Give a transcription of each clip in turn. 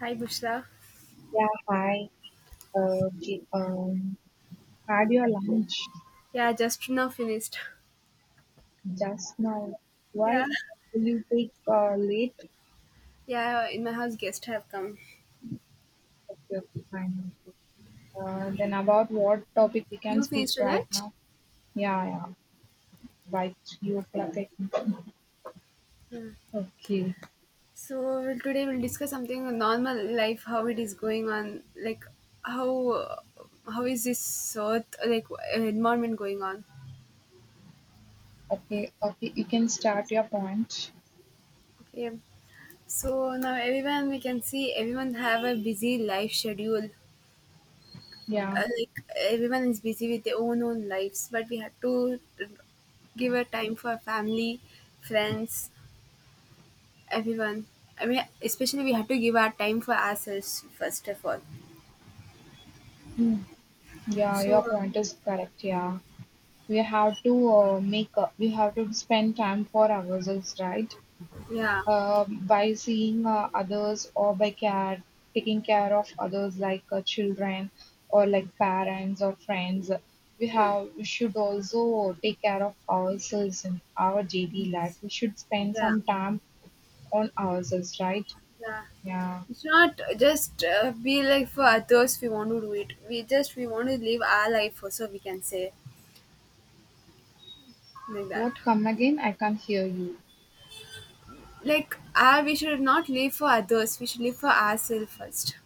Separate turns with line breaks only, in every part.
Hi, Bushra.
Yeah, hi. Okay, had your lunch
Yeah, just now finished.
just now.
Yeah,
Why will you take late?
yeah, in my house, guests have come.
Okay, okay, fine.
Yeah.
Then about what topic we can
You
speak
finished your
right
lunch?
now? Yeah, yeah. By 3 o'clock, I think.
Yeah.
Okay,
So, well, today we'll discuss something on normal life, how it is going on, like how uh, how is this earth, like environment going on.
okay, okay. You can start your point.
Okay. So now everyone we can see everyone have a busy life schedule.
Yeah.
Like everyone is busy with their own lives, but we have to give a time for family, friends, everyone. I mean, especially we have to give our time for ourselves first of all.
Mm. Yeah,
So,
your point is correct. Yeah, we have to make. We have to spend time for ourselves, right?
yeah,
By seeing others or by care taking care of others like children, or like parents or friends,
yeah,
we should also take care of ourselves. In our daily life, we should spend
yeah,
some time on ourselves, right?
yeah.
Yeah.
It's not just be like for others. We want to do it. We just we want to live our life. Also, we can say like that.
What? Come again, I can't hear you.
Like, ah, we should not live for others. We should live for ourselves first.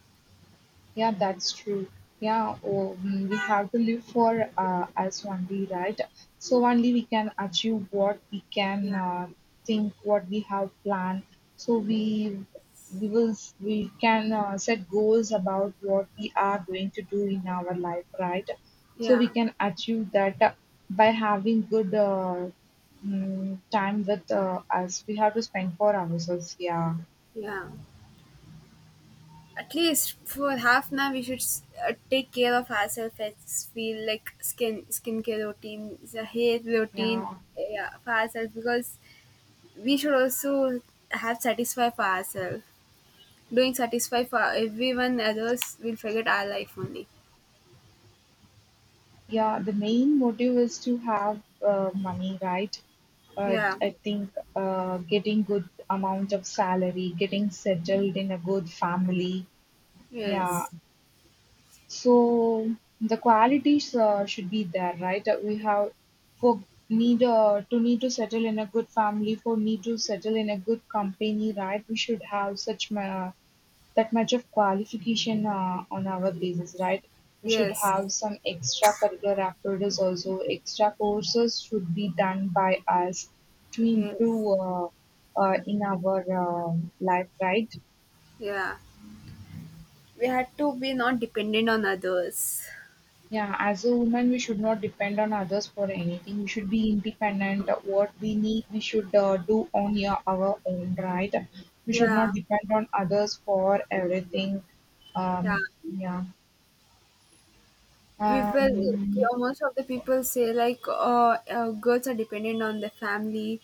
Yeah, that's true. Yeah, oh, we have to live for us only, right? So only we can achieve what we can
Yeah,
think, what we have planned. So we can set goals about what we are going to do in our life, right? So
yeah,
we can achieve that by having good time with us. We have to spend for ourselves. Yeah,
yeah. At least for half an hour, we should take care of ourselves. It's feel like skincare routine, the hair routine,
yeah.
yeah, for ourselves because we should also have satisfy for ourselves. Doing satisfy for everyone others will forget our life only.
Yeah, the main motive is to have money, right? But
Yeah.
I think getting good amount of salary, getting settled in a good family. Yeah.
Yes.
So the qualities should be there, right? We have for need to need to settle in a good family, for need to settle in a good company, right? We should have such ma that much of qualification on our basis, right? We should
Yes.
have some extracurricular activities also. Extra courses should be done by us to
Yes.
improve in our life, right?
Yeah. We had to be not dependent on others.
Yeah, as a woman, we should not depend on others for anything. We should be independent. What we need, we should do on our own, right? We should
Yeah.
not depend on others for everything.
Yeah.
Yeah.
People,
Um,
most of the people say like girls are dependent on the family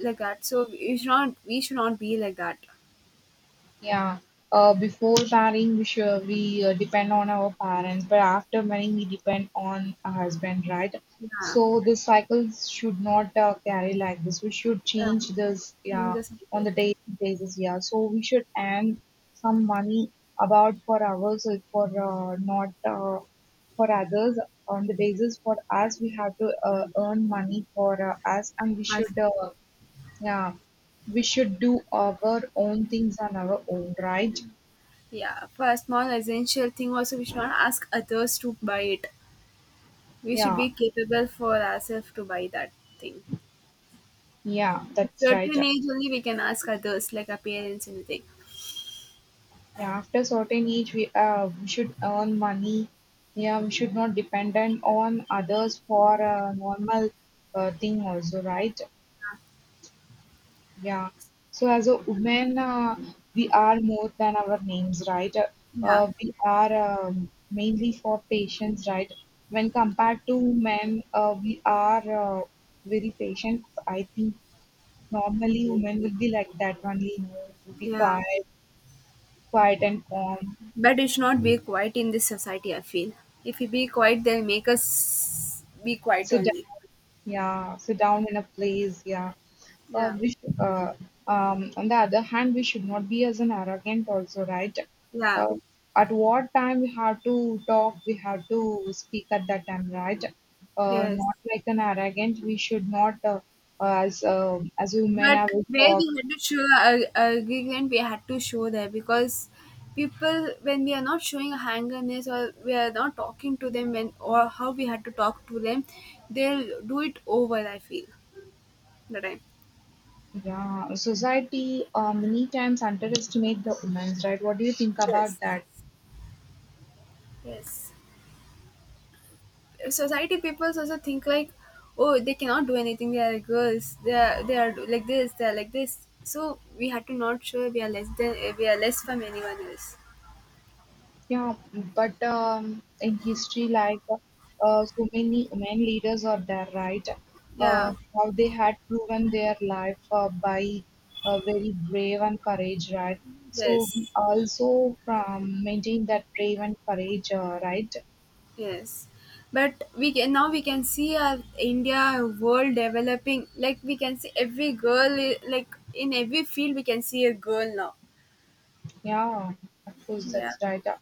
like that, so we should not be like that.
Yeah. Before marrying, we depend on our parents, but after marrying, we depend on a husband, right?
Yeah,
So this cycle should not carry like this. We should
uh,
change this,
change
yeah,
the cycle.
on the daily basis, yeah. So we should earn some money about for ourselves, for not for others. On the basis for us, we have to earn money for us, and we
As-
should yeah, we should do our own things on our own, right?
yeah, for a small essential thing also we should not ask others to buy it, we should
Yeah,
be capable for ourselves to buy that thing.
yeah, that's right.
Certain age only we can ask others like our parents anything.
Yeah, after certain age, we should earn money. Yeah, we should not dependent on others for a normal thing also, right? Yeah. So as a woman, we are more than our names, right?
Yeah,
We are mainly for patience, right? When compared to men, we are very patient, I think. Normally, women would be like that only, would be
yeah.
quiet, quiet and calm.
But it should not be quiet in this society, I feel. If we be quiet, they'll make us be quiet
Sit
only.
down, yeah, sit down in a place, yeah. Uh,
Yeah,
we should, uh, on the other hand, we should not be as an arrogant also, right?
yeah,
Uh, at what time we have to talk, we have to speak at that time, right?
yes.
Not like an arrogant. We should not, as women,
But
I will
where
talk.
we had to show our agreement, we had to show there because people, when we are not showing hangerness or we are not talking to them, when or how we had to talk to them, they'll do it over. I feel the time.
Yeah, society many times underestimate the women's right. What do you think about
Yes,
that?
yes. Society people also think like, oh, they cannot do anything, they are girls, they are like this, they are like this, so we had to not show we are less than, we are less from anyone else.
Yeah, but in history, like so many women leaders are there, right? Uh,
Yeah,
how they had proven their life by very brave and courage, right? So we
yes,
also from maintain that brave and courage, right?
yes. But we can now, we can see our India world developing, like we can see every like in every field we can see a girl now.
Yeah, of course,
Yeah,
that's right.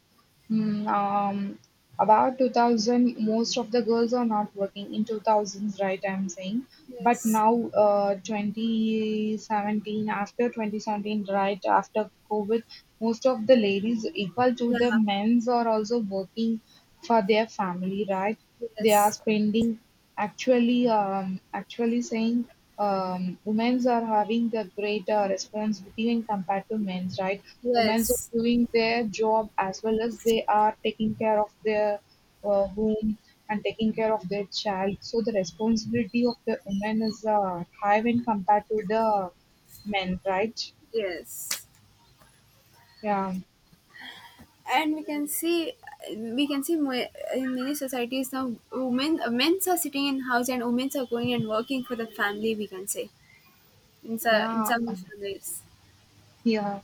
mm, um, about 2000, most of the girls are not working in 2000s, right? I'm saying, but
yes,
now, 2017, after 2017, right after COVID, most of the ladies, equal to
yeah,
the men's, are also working for their family, right? They are
yes,
spending actually actually saying women's are having the greater responsibility when compared to men's, right? Women's are
yes,
doing their job as well as they are taking care of their home and taking care of their child. So the responsibility of the women is high when compared to the men, right?
yes.
Yeah,
And we can see, we can see mo- in many societies now women, men are sitting in house and women are going and working for the family, we can say. In
yeah.
some families,
Yeah,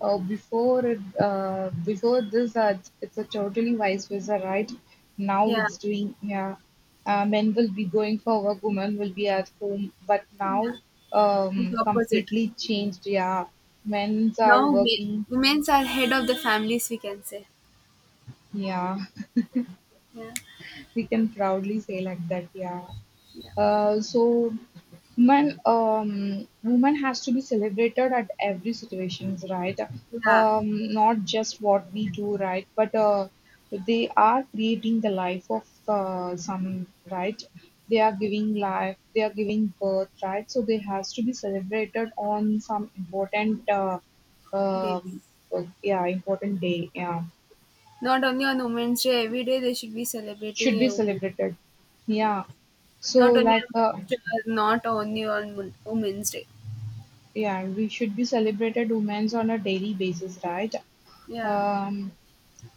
before it, before this, it's a totally vice versa, right? Now
yeah,
it's doing, yeah, men will be going for work, women will be at home, but now,
yeah, it's opposite.
completely changed. Yeah, men's are
Now
working.
women are head of the families, we can say.
Yeah,
Yeah,
we can proudly say like that. Yeah.
yeah,
So woman has to be celebrated at every situations, right?
yeah.
um Not just what we do, right? But they are creating the life of some, right? They are
it
giving life, they are giving birth, right? So they has to be celebrated on some important
it is
um yeah, important day, yeah,
not only on women's day, every day they should be
should
celebrating
be
a woman.
celebrated,
Yeah.
yeah, so
Not only
like
on Mother's Day, not only on women's day.
yeah, we should be celebrated women's on a daily basis, right?
Yeah,
Um,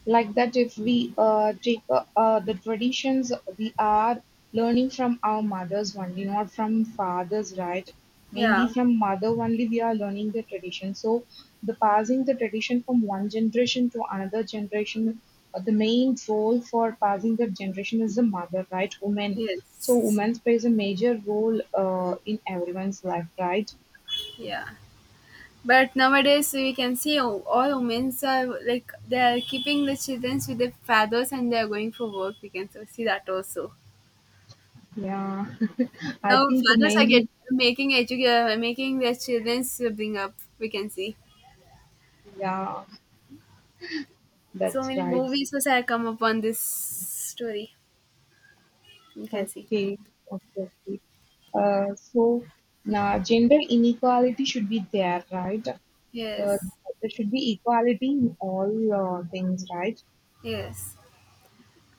like that, if we take the traditions, we are learning from our mothers only, not from fathers, right? Mainly
yeah,
from mother only, we are learning the tradition. So, the passing the tradition from one generation to another generation, the main role for passing the generation is the mother, right? Women. So,
yes.
women plays a major role in everyone's life, right?
Yeah, but nowadays we can see all women's are like they are keeping the children with their fathers and they are going for work. We can so see that also.
Yeah. I
Now
think the
fathers are
mainly,
getting making their children bring up. We can see
yeah,
so
that's
many
right.
movies which have come upon this story. We can see.
Okay, okay, okay. So now gender inequality should be there, right? Uh,
Yes,
there should be equality in all things, right?
yes.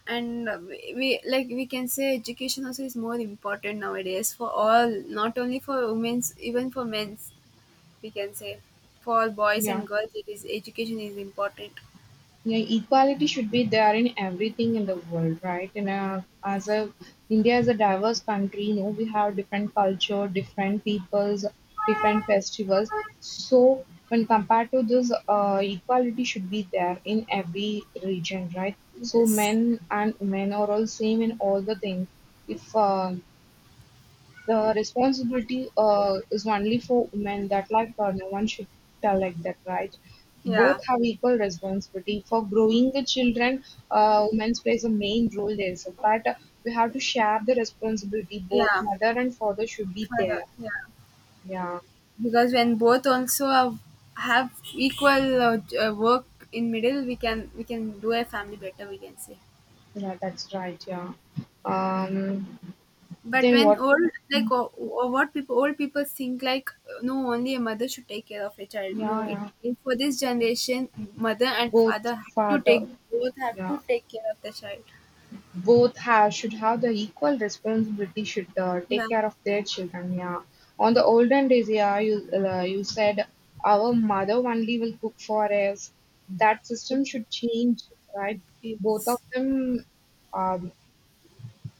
And like we can say education also is more important nowadays for all, not only for women's, even for men's, we can say. For boys
Yeah.
and girls, it is, education is important.
Yeah, equality should be there in everything in the world, right? And as a India is a diverse country, you know, we have different culture, different peoples, different festivals. So when compared to this, equality should be there in every region, right? So
Yes,
men and women are all same in all the things. If the responsibility is only for women. That like no one should tell like that, right?
yeah,
Both have equal responsibility for growing the children. Women plays a main role there, so but we have to share the responsibility. Both
yeah,
mother and father should be
for the,
there.
yeah,
Yeah,
because when both also have equal work in middle, we can, we can do a family better, we can say.
yeah, that's right. Yeah. Um.
But
Then
when
what?
old like, or what people, old people think like, no, only a mother should take care of a child.
Yeah,
No,
yeah.
it for this generation mother and
Both
father have to take,
father.
both have to
Yeah.
take care of the child.
Both have should have the equal responsibility, should
Yeah,
take care of their children, yeah. On the olden days, yeah, you said our mother only will cook for us. That system should change, right? Both of
it's,
them. um,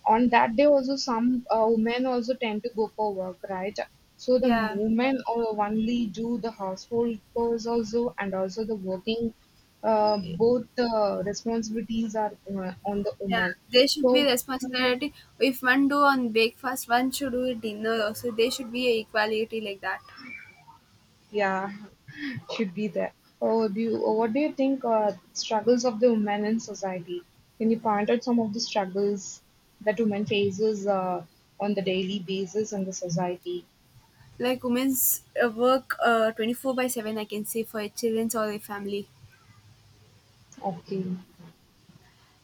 on that day also, some women also tend to go for work, right? So the
yeah.
women only do the household chores also, and also the working, both responsibilities are on the
Yeah,
women,
they should be
so
responsibility. If one do on breakfast, one should do it dinner also. They should be a equality like that.
yeah, should be there. Oh, what do you think struggles of the women in society? Can you point out some of the struggles that women faces on the daily basis in the society?
Like women's work 24 by 7, I can say, for a children's or a family.
Okay.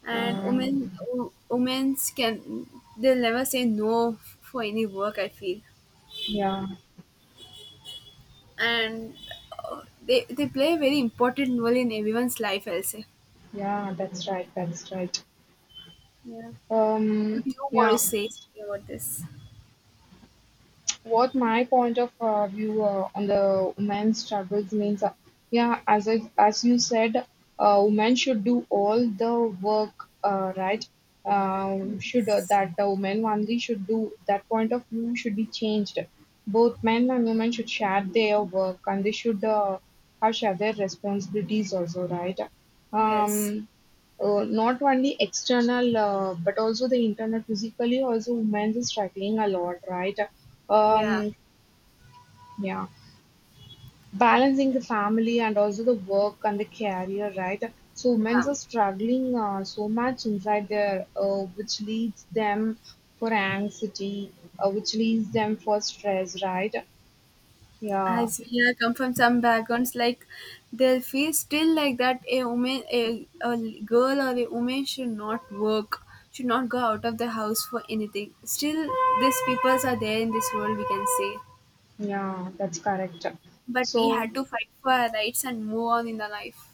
And
Uh,
women, women's can, they'll never say no for any work, I feel.
yeah,
And they play a very important role in everyone's life, I'll say.
yeah, that's right, that's right.
Yeah. What do you want to
Yeah,
say about this?
what my point of view on the women's struggles means yeah, as you said, women should do all the work, right? Should
Yes.
That the women only should do, that point of view should be changed. Both men and women should share their work, and they should have share their responsibilities also, right?
Yes.
um, Not only external, but also the internal, physically also women is struggling a lot, right?
Yeah.
um, yeah, balancing the family and also the work and the career, right? So women
Yeah.
are struggling so much inside their, which leads them for anxiety, which leads them for stress, right? Yeah,
As we are come from some backgrounds, like they'll feel still like that a woman, a girl or a woman should not work, should not go out of the house for anything. Still, these peoples are there in this world, we can say.
yeah, that's correct.
But we
So.
had to fight for our rights and move on in the life.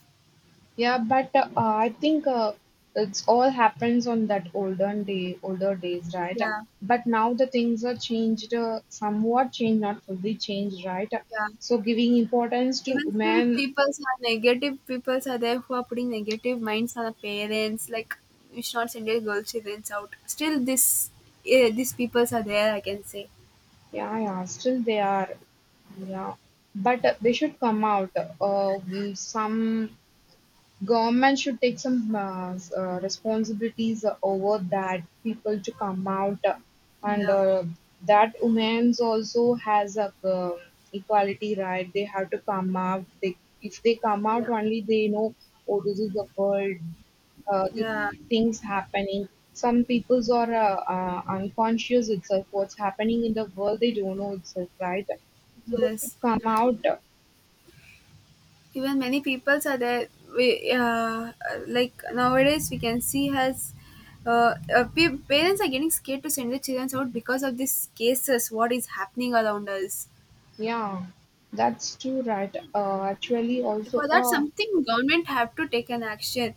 Yeah, but I think it's all happens on that olden day, older days, right?
Yeah,
But now the things are changed, somewhat changed, not fully changed, right?
yeah.
So giving importance to
Even still,
women,
peoples are negative. Peoples are there who are putting negative minds on the parents. Like, we should not send your girl children out. Still, this, eh, these peoples are there, I can say.
yeah, yeah, still they are, yeah. But they should come out. Some government should take some responsibilities over that people to come out, and
Yeah.
that women's also has a equality, right. They have to come out. They If they come out
Yeah,
only, they know, oh, this is the world, uh, th-
yeah,
things happening. Some peoples are unconscious itself. What's happening in the world, they don't know itself, right? So they should
yes.
come out.
Even many peoples are there. We like nowadays we can see has parents are getting scared to send their children out because of these cases. What is happening around us?
Yeah, that's too right. Actually, also,
For that, something government have to take an action,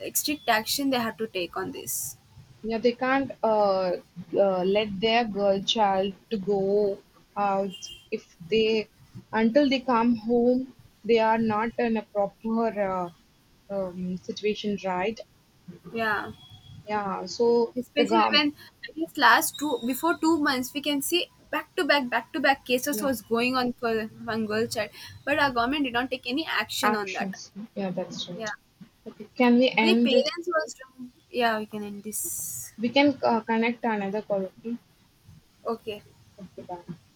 like strict action they have to take on this.
yeah, they can't let their girl child to go out, if they until they come home, they are not in a proper situation, right?
Yeah.
Yeah, so the
Especially
gum,
when, I guess last two before 2 months we can see back to back, back to back cases
yeah,
was going on for one girl child, but our government did not take any action on that.
actions. Yeah, that's right.
Yeah,
Okay, can we
only
end it?
parents was doing. Yeah, we can end this.
We can connect another call. Okay,
Okay.
okay, bye.